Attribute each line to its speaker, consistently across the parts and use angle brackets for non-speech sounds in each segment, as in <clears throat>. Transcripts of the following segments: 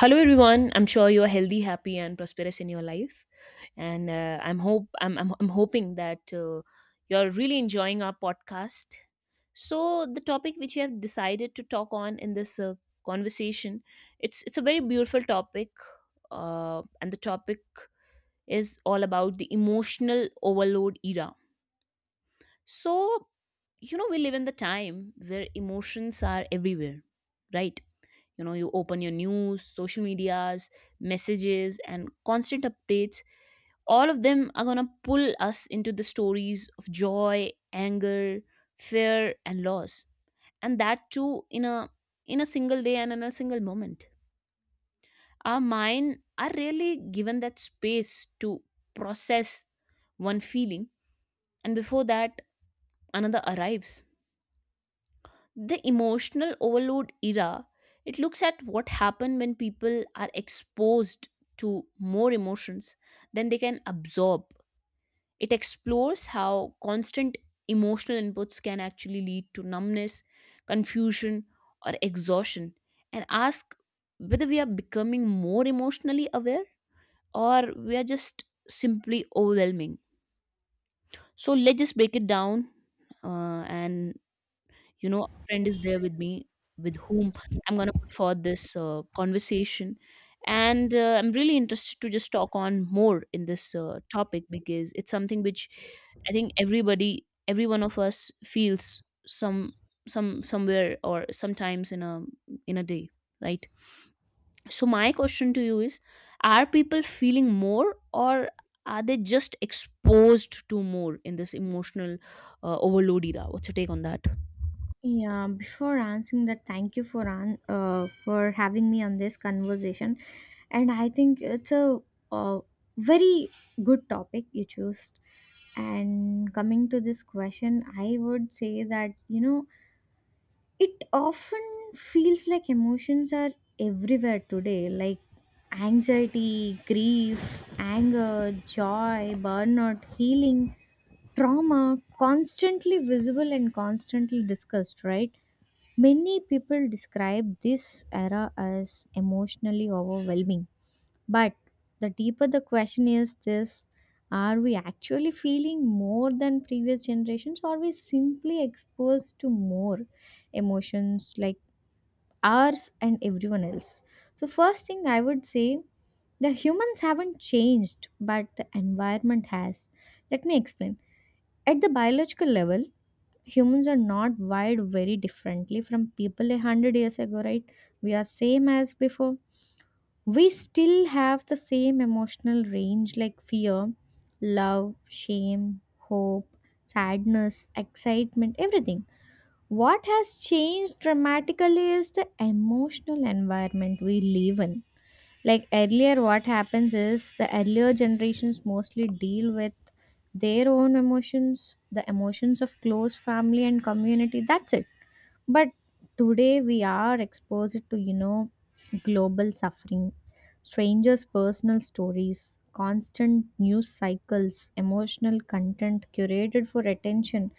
Speaker 1: Hello everyone. I'm sure you're healthy, happy, and prosperous in your life, and I'm hope I'm hoping that you're really enjoying our podcast. So the topic which we have decided to talk on in this conversation, it's a very beautiful topic, and the topic is all about the emotional overload era. So we live in the time where emotions are everywhere, right? you know you open your news, social medias, messages, and constant updates. All of them are going to pull us into the stories of joy, anger, fear, and loss, and that too in a in a single day and in a single moment. Our mind are really given that space to process one feeling, and before that another arrives. The emotional overload era, it looks at what happens when people are exposed to more emotions than they can absorb. It explores how constant emotional inputs can actually lead to numbness, confusion, or exhaustion, and ask whether we are becoming more emotionally aware, or we are just simply overwhelming. So let's just break it down, and you know, a friend is there with me, with whom I'm going to put forth this conversation. And I'm really interested to just talk on more in this topic, because it's something which I think every one of us feels somewhere or sometimes in a day, right? So, my question to you is, are people feeling more, or are they just exposed to more in this emotional overload era? What's your take on that?
Speaker 2: Yeah, before answering that, thank you for for having me on this conversation, and I think it's a, uh very good topic you chose. And coming to this question, I would say that it often feels like emotions are everywhere today, like anxiety, grief, anger, joy, burnout, healing, trauma, constantly visible and constantly discussed, right? Many people describe this era as emotionally overwhelming. But the deeper the question is this, are we actually feeling more than previous generations, or are we simply exposed to more emotions like ours and everyone else? So, first thing I would say, the humans haven't changed, but the environment has. Let me explain. At the biological level, humans are not wired very differently from people 100 years ago, right? We are same as before. We still have the same emotional range like fear, love, shame, hope, sadness, excitement, everything. What has changed dramatically is the emotional environment we live in. Like earlier what happens is the earlier generations mostly deal with their own emotions, the emotions of close family and community, that's it. But today we are exposed to, global suffering, strangers personal stories, constant news cycles, emotional content curated for attention.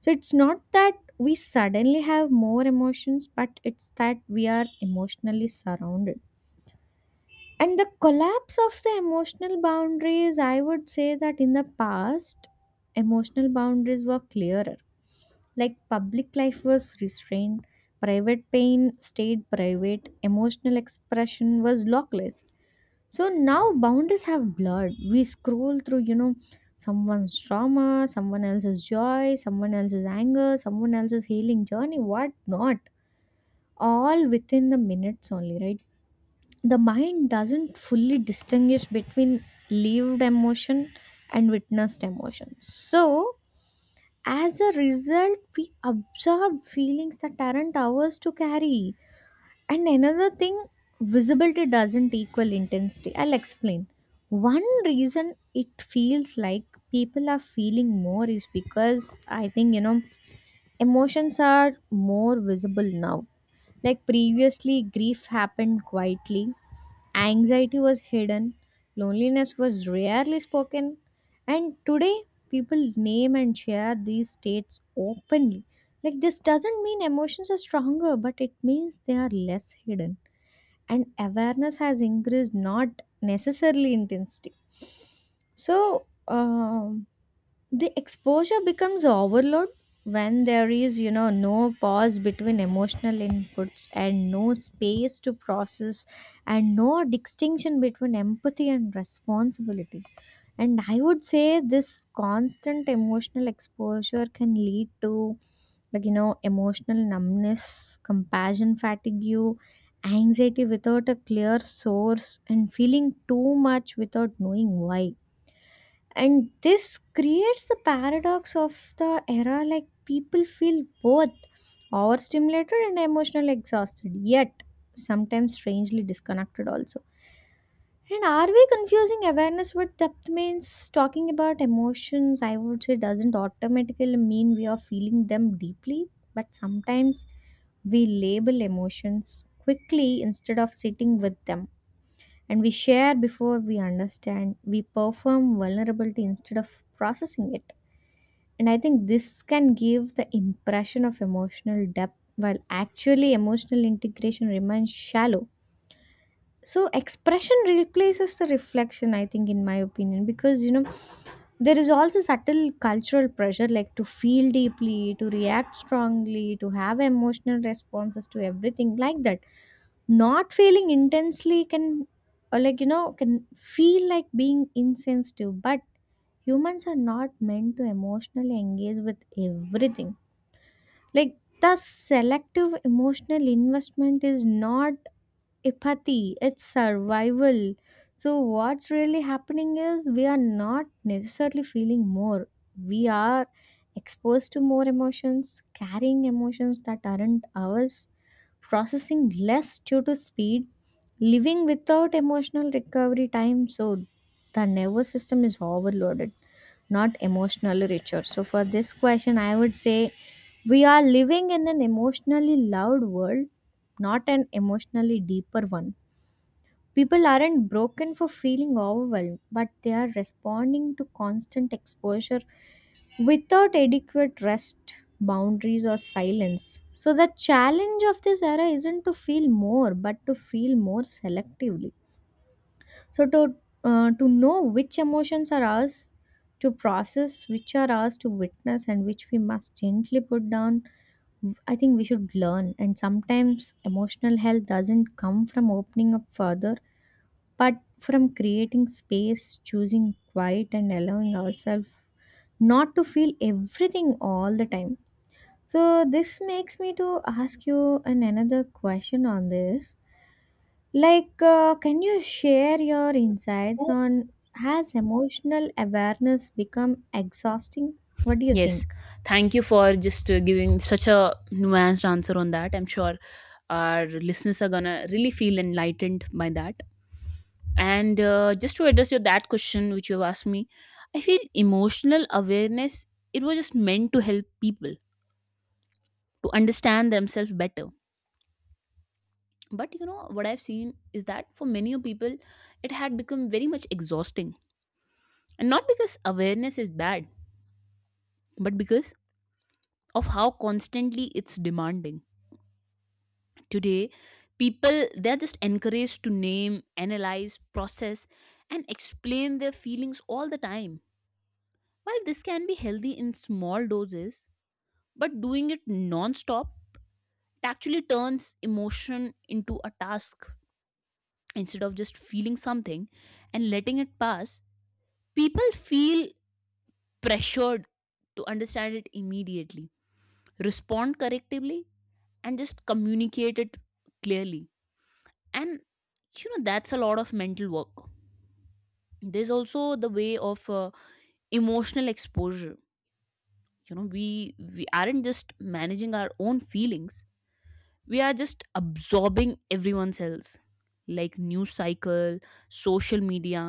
Speaker 2: So it's not that we suddenly have more emotions, but it's that we are emotionally surrounded. And the collapse of the emotional boundaries, I would say that in the past, emotional boundaries were clearer. Like public life was restrained, private pain stayed private, emotional expression was lockless. So now boundaries have blurred. We scroll through, someone's trauma, someone else's joy, someone else's anger, someone else's healing journey, what not. All within the minutes only, right? The mind doesn't fully distinguish between lived emotion and witnessed emotion. So, as a result, we absorb feelings that aren't ours to carry. And another thing, visibility doesn't equal intensity. I'll explain. One reason it feels like people are feeling more is because I think, emotions are more visible now. Like previously, grief happened quietly. Anxiety was hidden, loneliness was rarely spoken, and today people name and share these states openly. Like, this doesn't mean emotions are stronger, but it means they are less hidden, and awareness has increased, not necessarily intensity. So the exposure becomes overload when there is, no pause between emotional inputs, and no space to process, and no distinction between empathy and responsibility. And I would say this constant emotional exposure can lead to, like emotional numbness, compassion fatigue, anxiety without a clear source, and feeling too much without knowing why. And this creates the paradox of the era, like people feel both overstimulated and emotionally exhausted, yet sometimes strangely disconnected also. And are we confusing awareness with depth means talking about emotions? I would say doesn't automatically mean we are feeling them deeply, but sometimes we label emotions quickly instead of sitting with them. And we share before we understand. We perform vulnerability instead of processing it. And I think this can give the impression of emotional depth, while actually emotional integration remains shallow. So expression replaces the reflection, I think, in my opinion, because there is also subtle cultural pressure, like to feel deeply, to react strongly, to have emotional responses to everything like that. Not feeling intensely can, or like can feel like being insensitive, but humans are not meant to emotionally engage with everything. Like the selective emotional investment is not apathy, it's survival. So, what's really happening is we are not necessarily feeling more, we are exposed to more emotions, carrying emotions that aren't ours, processing less due to speed, living without emotional recovery time. So, the nervous system is overloaded, not emotionally richer. So for this question, I would say we are living in an emotionally loud world, not an emotionally deeper one. People aren't broken for feeling overwhelmed, but they are responding to constant exposure without adequate rest, boundaries, or silence. So, the challenge of this era isn't to feel more, but to feel more selectively. So to, to know which emotions are ours to process, which are ours to witness, and which we must gently put down, I think we should learn. And sometimes emotional health doesn't come from opening up further, but from creating space, choosing quiet, and allowing ourselves not to feel everything all the time. So this makes me to ask you an another question on this, like, can you share your insights on has emotional awareness become exhausting? What do you
Speaker 1: Yes,
Speaker 2: think?
Speaker 1: thank you for just giving such a nuanced answer on that. I'm sure our listeners are gonna really feel enlightened by that. And just to address your that question which you have asked me, I feel emotional awareness, it was just meant to help people to understand themselves better, but you know what I've seen is that for many people it had become very much exhausting. And not because awareness is bad, but because of how constantly it's demanding. Today, people, they're just encouraged to name, analyze, process, and explain their feelings all the time. While this can be healthy in small doses, but doing it non-stop, it actually turns emotion into a task. Instead of just feeling something and letting it pass, people feel pressured to understand it immediately, respond correctly, and just communicate it clearly, and you know that's a lot of mental work. There's also the way of emotional exposure. You know, we aren't just managing our own feelings, we are just absorbing everyone's else, like news cycle, social media,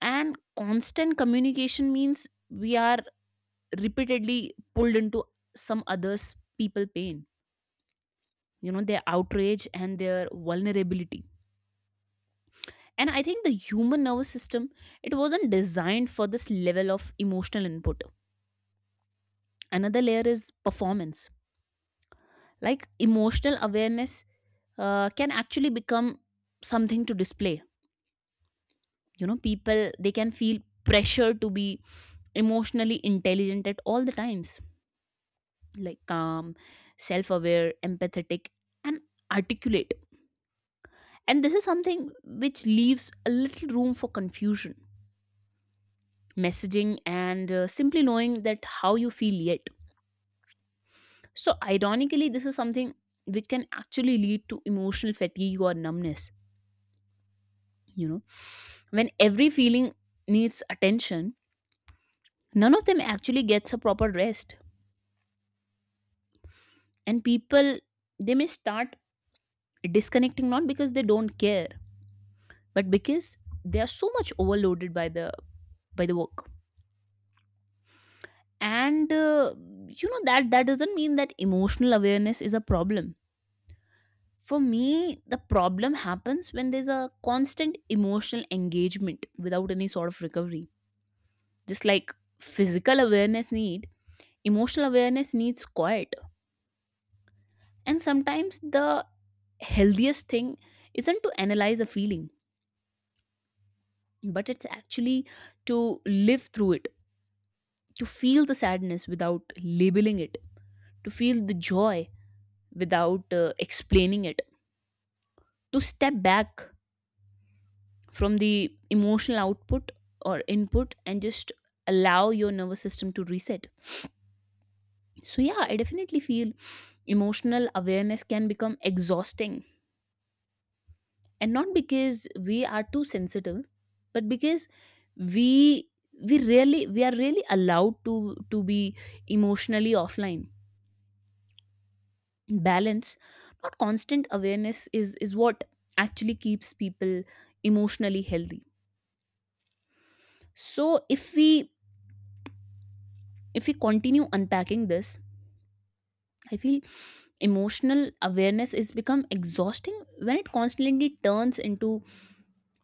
Speaker 1: and constant communication means we are repeatedly pulled into some others people pain, you know, their outrage and their vulnerability. And I think the human nervous system, it wasn't designed for this level of emotional input. Another layer is performance. Like, emotional awareness can actually become something to display. You know, people, they can feel pressure to be emotionally intelligent at all the times, like calm, self aware, empathetic, and articulate. And this is something which leaves a little room for confusion, messaging, and simply knowing that how you feel yet. So, ironically, this is something which can actually lead to emotional fatigue or numbness. You know, when every feeling needs attention, none of them actually gets a proper rest. And people, they may start disconnecting, not because they don't care, but because they are so much overloaded by the work. And you know, that doesn't mean that emotional awareness is a problem. For me, the problem happens when there's a constant emotional engagement without any sort of recovery. Just like physical awareness need, emotional awareness needs quiet. And sometimes the healthiest thing isn't to analyze a feeling, but it's actually to live through it, to feel the sadness without labeling it, to feel the joy without explaining it, to step back from the emotional output or input and just allow your nervous system to reset. So, yeah, I definitely feel emotional awareness can become exhausting. And not because we are too sensitive, but because we we are really allowed to be emotionally offline. Balance, not constant awareness, is what actually keeps people emotionally healthy. So if we continue unpacking this, I feel emotional awareness is become exhausting when it constantly turns into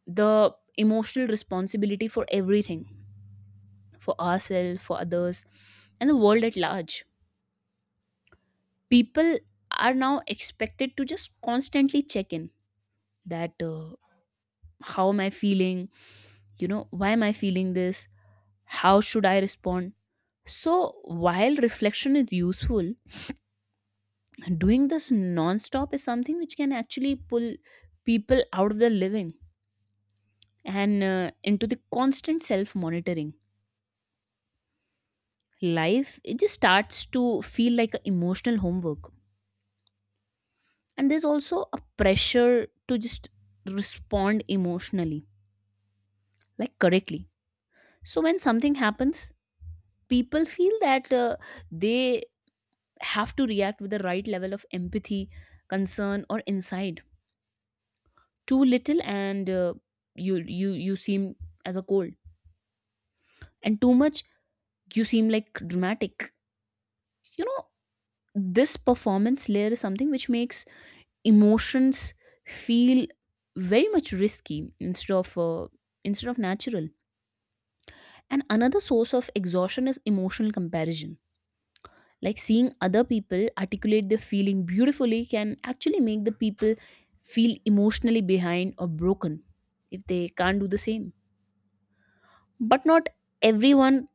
Speaker 1: the emotional responsibility for everything, for ourselves, for others, and the world at large. People are now expected to just constantly check in that, how am I feeling, why am I feeling this, how should I respond? So, while reflection is useful, doing this non-stop is something which can actually pull people out of their living and into the constant self-monitoring. Life, it just starts to feel like a emotional homework, and there's also a pressure to just respond emotionally, like correctly. So when something happens, people feel that they have to react with the right level of empathy, concern, or insight. Too little and you seem as a cold, and too much you seem like dramatic. You know, this performance layer is something which makes emotions feel very much risky, instead of natural. And another source of exhaustion is emotional comparison. Like, seeing other people articulate their feeling beautifully can actually make the people feel emotionally behind or broken if they can't do the same. But not everyone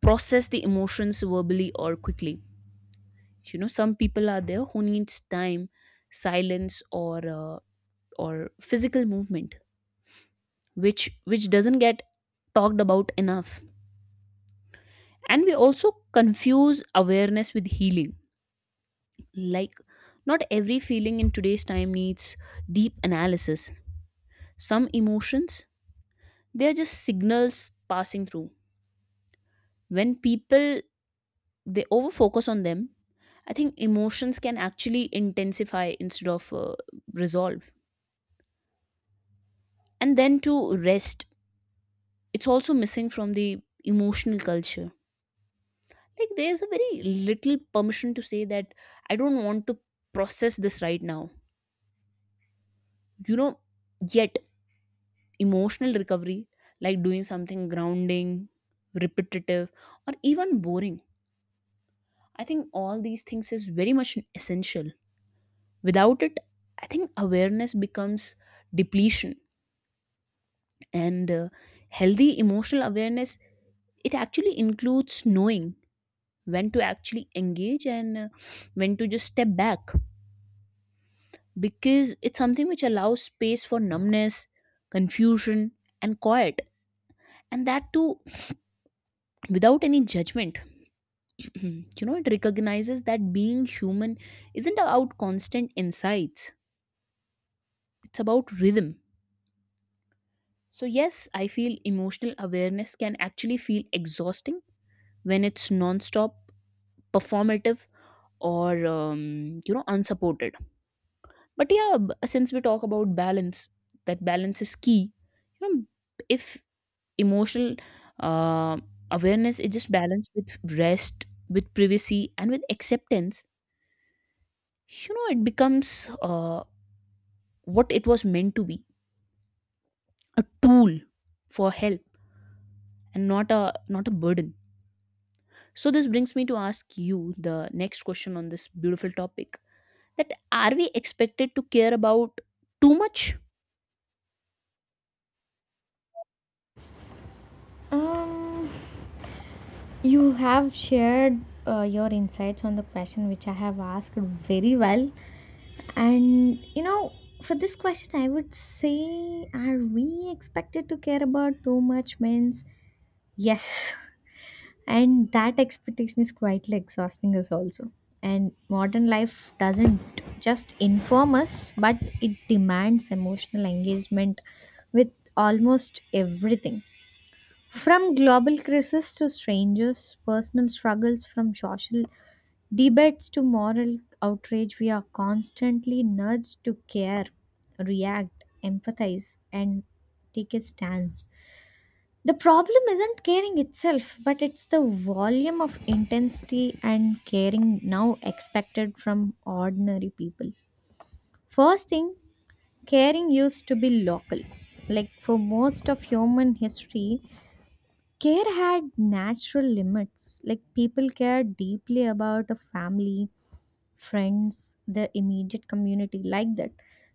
Speaker 1: process the emotions verbally or quickly. You know, some people are there who needs time, silence, or physical movement, which which doesn't get talked about enough. And we also confuse awareness with healing. Like, not every feeling in today's time needs deep analysis. Some emotions, they are just signals passing through. When people, they overfocus on them, I think emotions can actually intensify instead of resolve. And then to rest, it's also missing from the emotional culture. Like, there's a very little permission to say that I don't want to process this right now. You know, yet emotional recovery, like doing something grounding, repetitive, or even boring, I think all these things is very much essential. Without it, I think awareness becomes depletion. And healthy emotional awareness, it actually includes knowing when to actually engage, and when to just step back. Because it's something which allows space for numbness, confusion, and quiet, and that too without any judgment. <clears throat> You know, it recognizes that being human isn't about constant insights, it's about rhythm. So yes, I feel emotional awareness can actually feel exhausting when it's non-stop, performative, or unsupported. But yeah, since we talk about balance, that balance is key. You know, if emotional uh, awareness is just balanced with rest, with privacy, and with acceptance, you know, it becomes what it was meant to be: a tool for help, and not a burden. So this brings me to ask you the next question on this beautiful topic: that are we expected to care about too much?
Speaker 2: Um, you have shared your insights on the question which I have asked very well, and you know, for this question, I would say, are we expected to care about too much? Means yes. <laughs> And that expectation is quietly exhausting us also. And modern life doesn't just inform us, but it demands emotional engagement with almost everything, from global crisis to strangers personal struggles, from social debates to moral outrage. We are constantly nudged to care, react, empathize, and take a stance. The problem isn't caring itself, but it's the volume of intensity and caring now expected from ordinary people. First thing, caring used to be local. Like for most of human history, care had natural limits. Like people cared deeply about a family, friends, the immediate community, like that.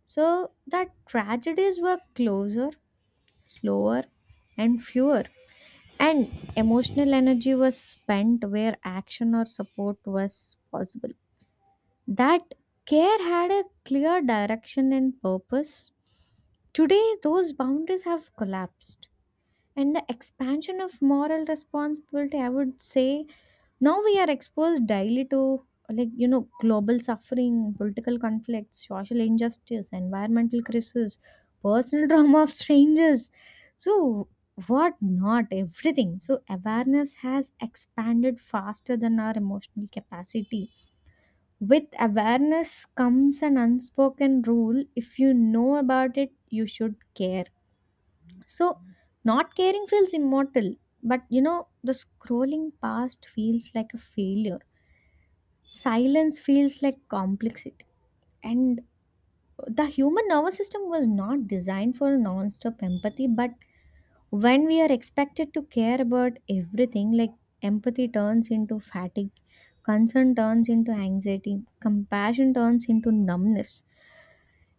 Speaker 2: So that tragedies were closer, slower, and fewer, and emotional energy was spent where action or support was possible. That care had a clear direction and purpose. Today, those boundaries have collapsed. And the expansion of moral responsibility, I would say, now we are exposed daily to, like global suffering, political conflicts, social injustice, environmental crisis, personal <laughs> drama of strangers, so what not, everything. So awareness has expanded faster than our emotional capacity. With awareness comes an unspoken rule: if you know about it, you should care. So, not caring feels immortal, but you know, the scrolling past feels like a failure. Silence feels like complexity. And the human nervous system was not designed for non stop empathy, but when we are expected to care about everything, like empathy turns into fatigue, concern turns into anxiety, compassion turns into numbness.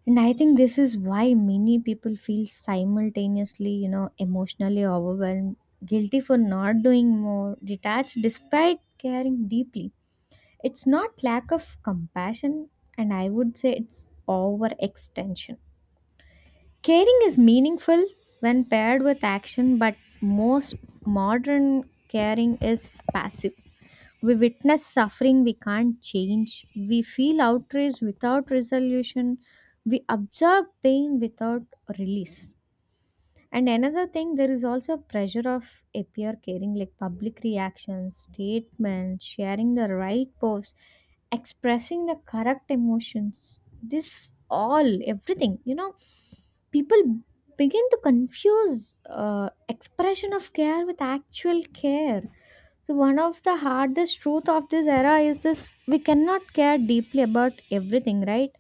Speaker 2: And I think this is why many people feel simultaneously, you know, emotionally overwhelmed, guilty for not doing more, detached despite caring deeply. It's not lack of compassion, and I would say it's overextension. Caring is meaningful when paired with action, but most modern caring is passive. We witness suffering we can't change. We feel outrage without resolution. We absorb pain without release. And another thing, there is also pressure of appear caring, like public reactions, statements, sharing the right posts, expressing the correct emotions. This all, everything, you know, people begin to confuse expression of care with actual care. So one of the hardest truth of this era is this, we cannot care deeply about everything, right?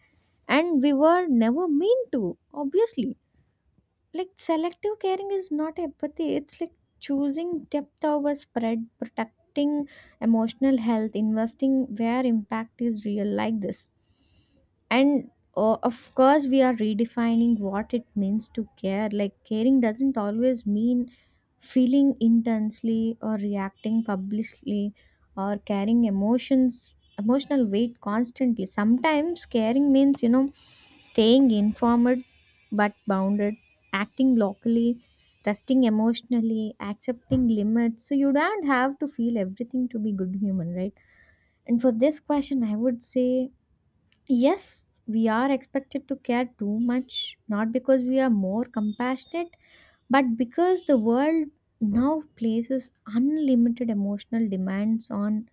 Speaker 2: And we were never mean to, obviously. Like selective caring is not empathy, it's like choosing depth over spread, protecting emotional health, investing where impact is real, like this. And of course we are redefining what it means to care, like caring doesn't always mean feeling intensely or reacting publicly or carrying emotions emotional weight constantly. Sometimes caring means, staying informed but bounded, acting locally, trusting emotionally, accepting limits. So you don't have to feel everything to be good human, right? And for this question, I would say yes, we are expected to care too much, not because we are more compassionate, but because the world now places unlimited emotional demands on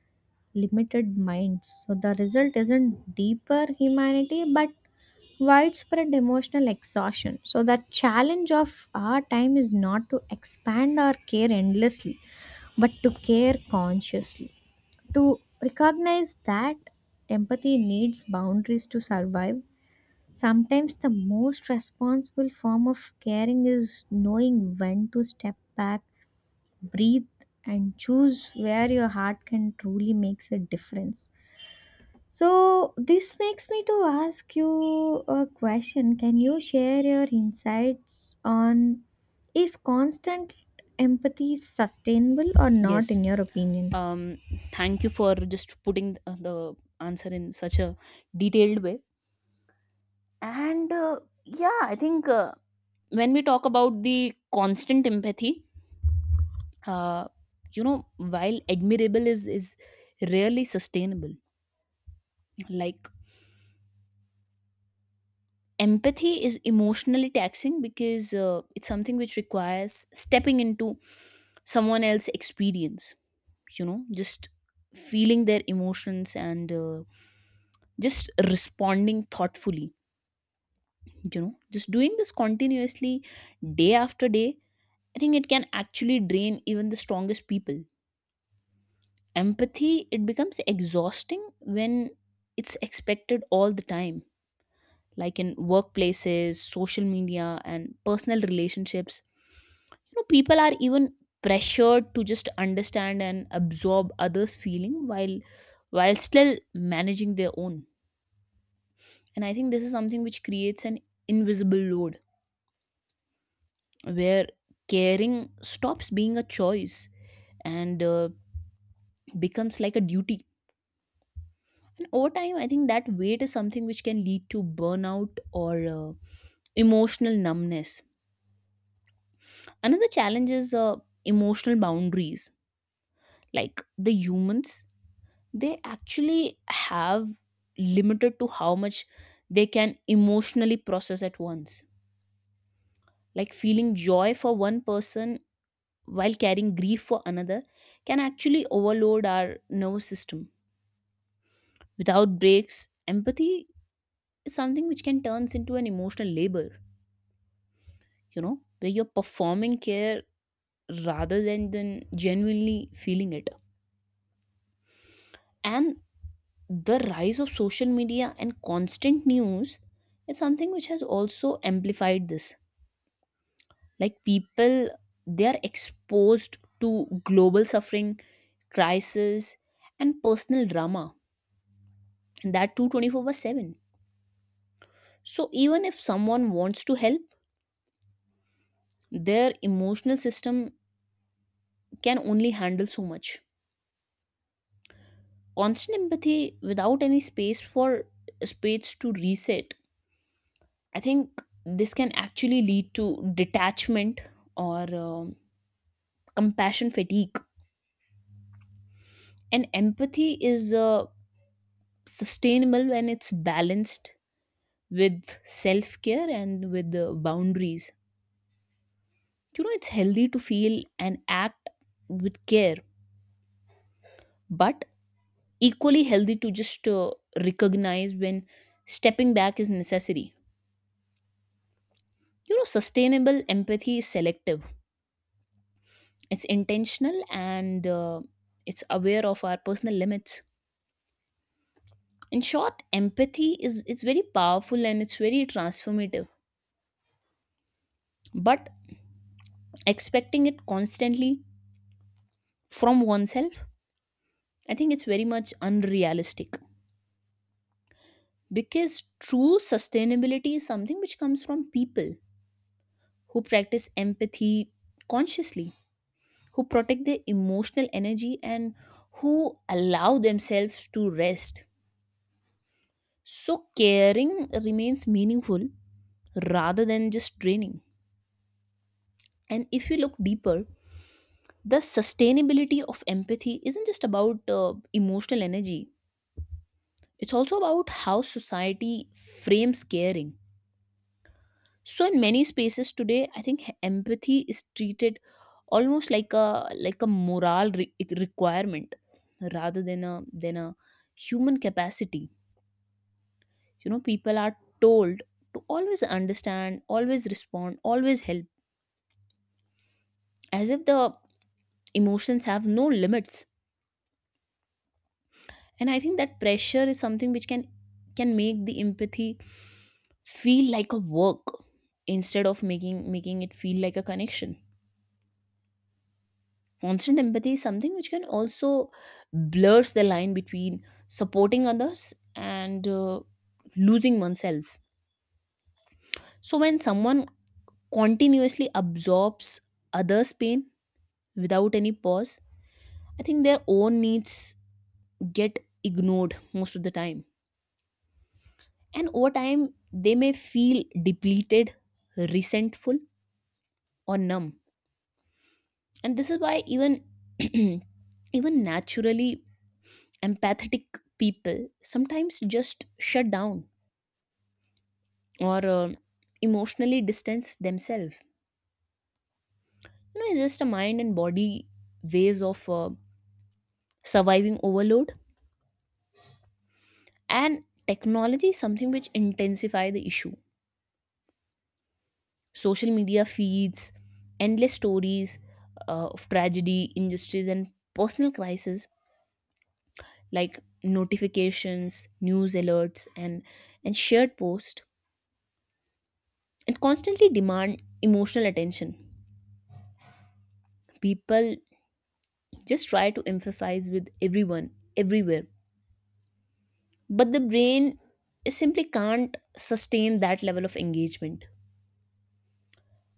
Speaker 2: limited minds. So the result isn't deeper humanity, but widespread emotional exhaustion. So, the challenge of our time is not to expand our care endlessly, but to care consciously. To recognize that empathy needs boundaries to survive, sometimes the most responsible form of caring is knowing when to step back, breathe, and choose where your heart can truly makes a difference. So this makes me to ask you a question. Can you share your insights on is constant empathy sustainable or not
Speaker 1: Yes.
Speaker 2: in your opinion?
Speaker 1: um, Thank you for just putting the answer in such a detailed way. And yeah, I think when we talk about the constant empathy, uh, while admirable, is rarely sustainable. Like, empathy is emotionally taxing because it's something which requires stepping into someone else's experience, you know, just feeling their emotions and just responding thoughtfully. You know, just doing this continuously day after day, I think it can actually drain even the strongest people. Empathy, it becomes exhausting when it's expected all the time, like in workplaces, social media, and personal relationships. You know, people are even pressured to just understand and absorb others feeling, while still managing their own. And I think this is something which creates an invisible load, where caring stops being a choice and becomes like a duty. And over time, I think that weight is something which can lead to burnout or emotional numbness. Another challenge is emotional boundaries. Like, the humans, they actually have limited to how much they can emotionally process at once. Like, feeling joy for one person while carrying grief for another can actually overload our nervous system. Without breaks, empathy is something which can turns into an emotional labor, you know, where you're performing care rather than genuinely feeling it. And the rise of social media and constant news is something which has also amplified this. Like, people, they are exposed to global suffering, crisis, and personal drama, and that too 24/7. So even if someone wants to help, their emotional system can only handle so much. Constant empathy without any space to reset. I think this can actually lead to detachment or compassion fatigue. And empathy is sustainable when it's balanced with self care and with the boundaries. You know, it's healthy to feel and act with care, but equally healthy to just recognize when stepping back is necessary. You know sustainable empathy is selective. It's intentional, and it's aware of our personal limits. In short, empathy is very powerful and it's very transformative, but expecting it constantly from oneself, I think it's very much unrealistic, because true sustainability is something which comes from people who practice empathy consciously, who protect their emotional energy, and who allow themselves to rest. So caring remains meaningful rather than just draining. And if you look deeper, the sustainability of empathy isn't just about emotional energy, it's also about how society frames caring. So in many spaces today, I think empathy is treated almost like a moral requirement rather than a human capacity. You know, people are told to always understand, always respond, always help, as if the emotions have no limits. And I think that pressure is something which can make the empathy feel like a work instead of making it feel like a connection. Constant empathy is something which can also blurs the line between supporting others and losing oneself. So when someone continuously absorbs others pain without any pause, I think their own needs get ignored most of the time, and over time they may feel depleted, resentful, or numb. And this is why even <clears throat> even naturally empathetic people sometimes just shut down or emotionally distance themselves. You know, it's just a mind and body ways of surviving overload. And technology is something which intensify the issue. Social media feeds endless stories of tragedy, injustice, and personal crisis, like notifications, news alerts, and shared posts, and constantly demand emotional attention. People just try to emphasize with everyone, everywhere, but the brain simply can't sustain that level of engagement.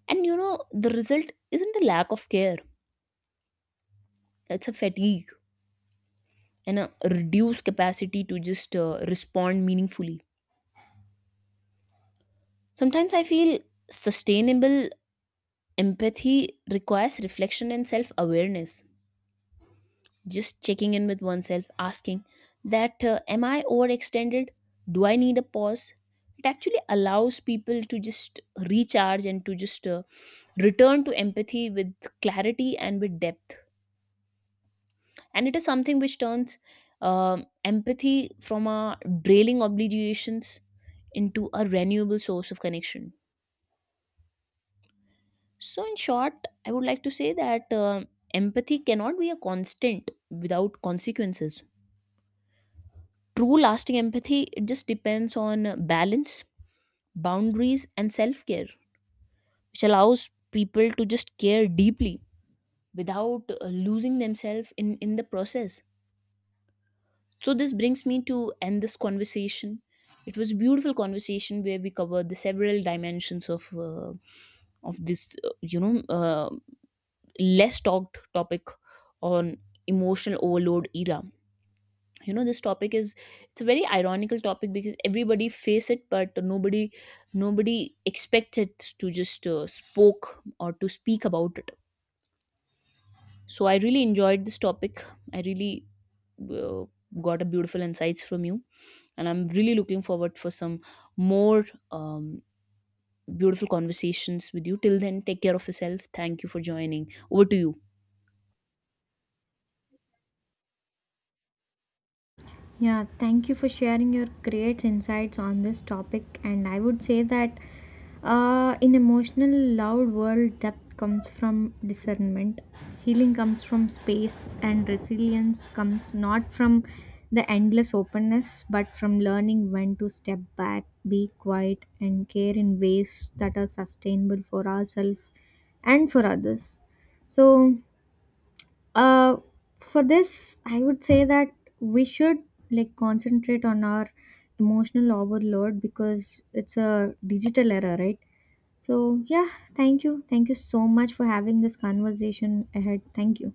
Speaker 1: And you know, the result isn't a lack of care, it's a fatigue and a reduced capacity to just respond meaningfully. Sometimes I feel sustainable empathy requires reflection and self awareness, just checking in with oneself, asking that am I overextended, do I need a pause. It actually allows people to just recharge and to just return to empathy with clarity and with depth. And it is something which turns empathy from a drailing obligations into a renewable source of connection. So in short, I would like to say that empathy cannot be a constant without consequences. True lasting empathy, it just depends on balance, boundaries, and self care, which allows people to just care deeply without losing themselves in the process. So, this brings me to end this conversation. It was a beautiful conversation where we covered the several dimensions of this, less talked topic on emotional overload era. You know, this topic is, it's a very ironical topic because everybody face it but nobody expects it to just spoke or to speak about it. So I really enjoyed this topic. I really uh, got a beautiful insights from you, and I'm really looking forward for some more um, beautiful conversations with you. Till then, take care of yourself. Thank you for joining. Over to you.
Speaker 2: Yeah, thank you for sharing your great insights on this topic. And I would say that in emotional loud world, depth comes from discernment. Healing comes from space, and resilience comes not from the endless openness, but from learning when to step back, be quiet, and care in ways that are sustainable for ourselves and for others. So uh, for this, I would say that we should like concentrate on our emotional overload because it's a digital era, right? So, yeah, thank you. Thank you so much for having this conversation ahead. Thank you.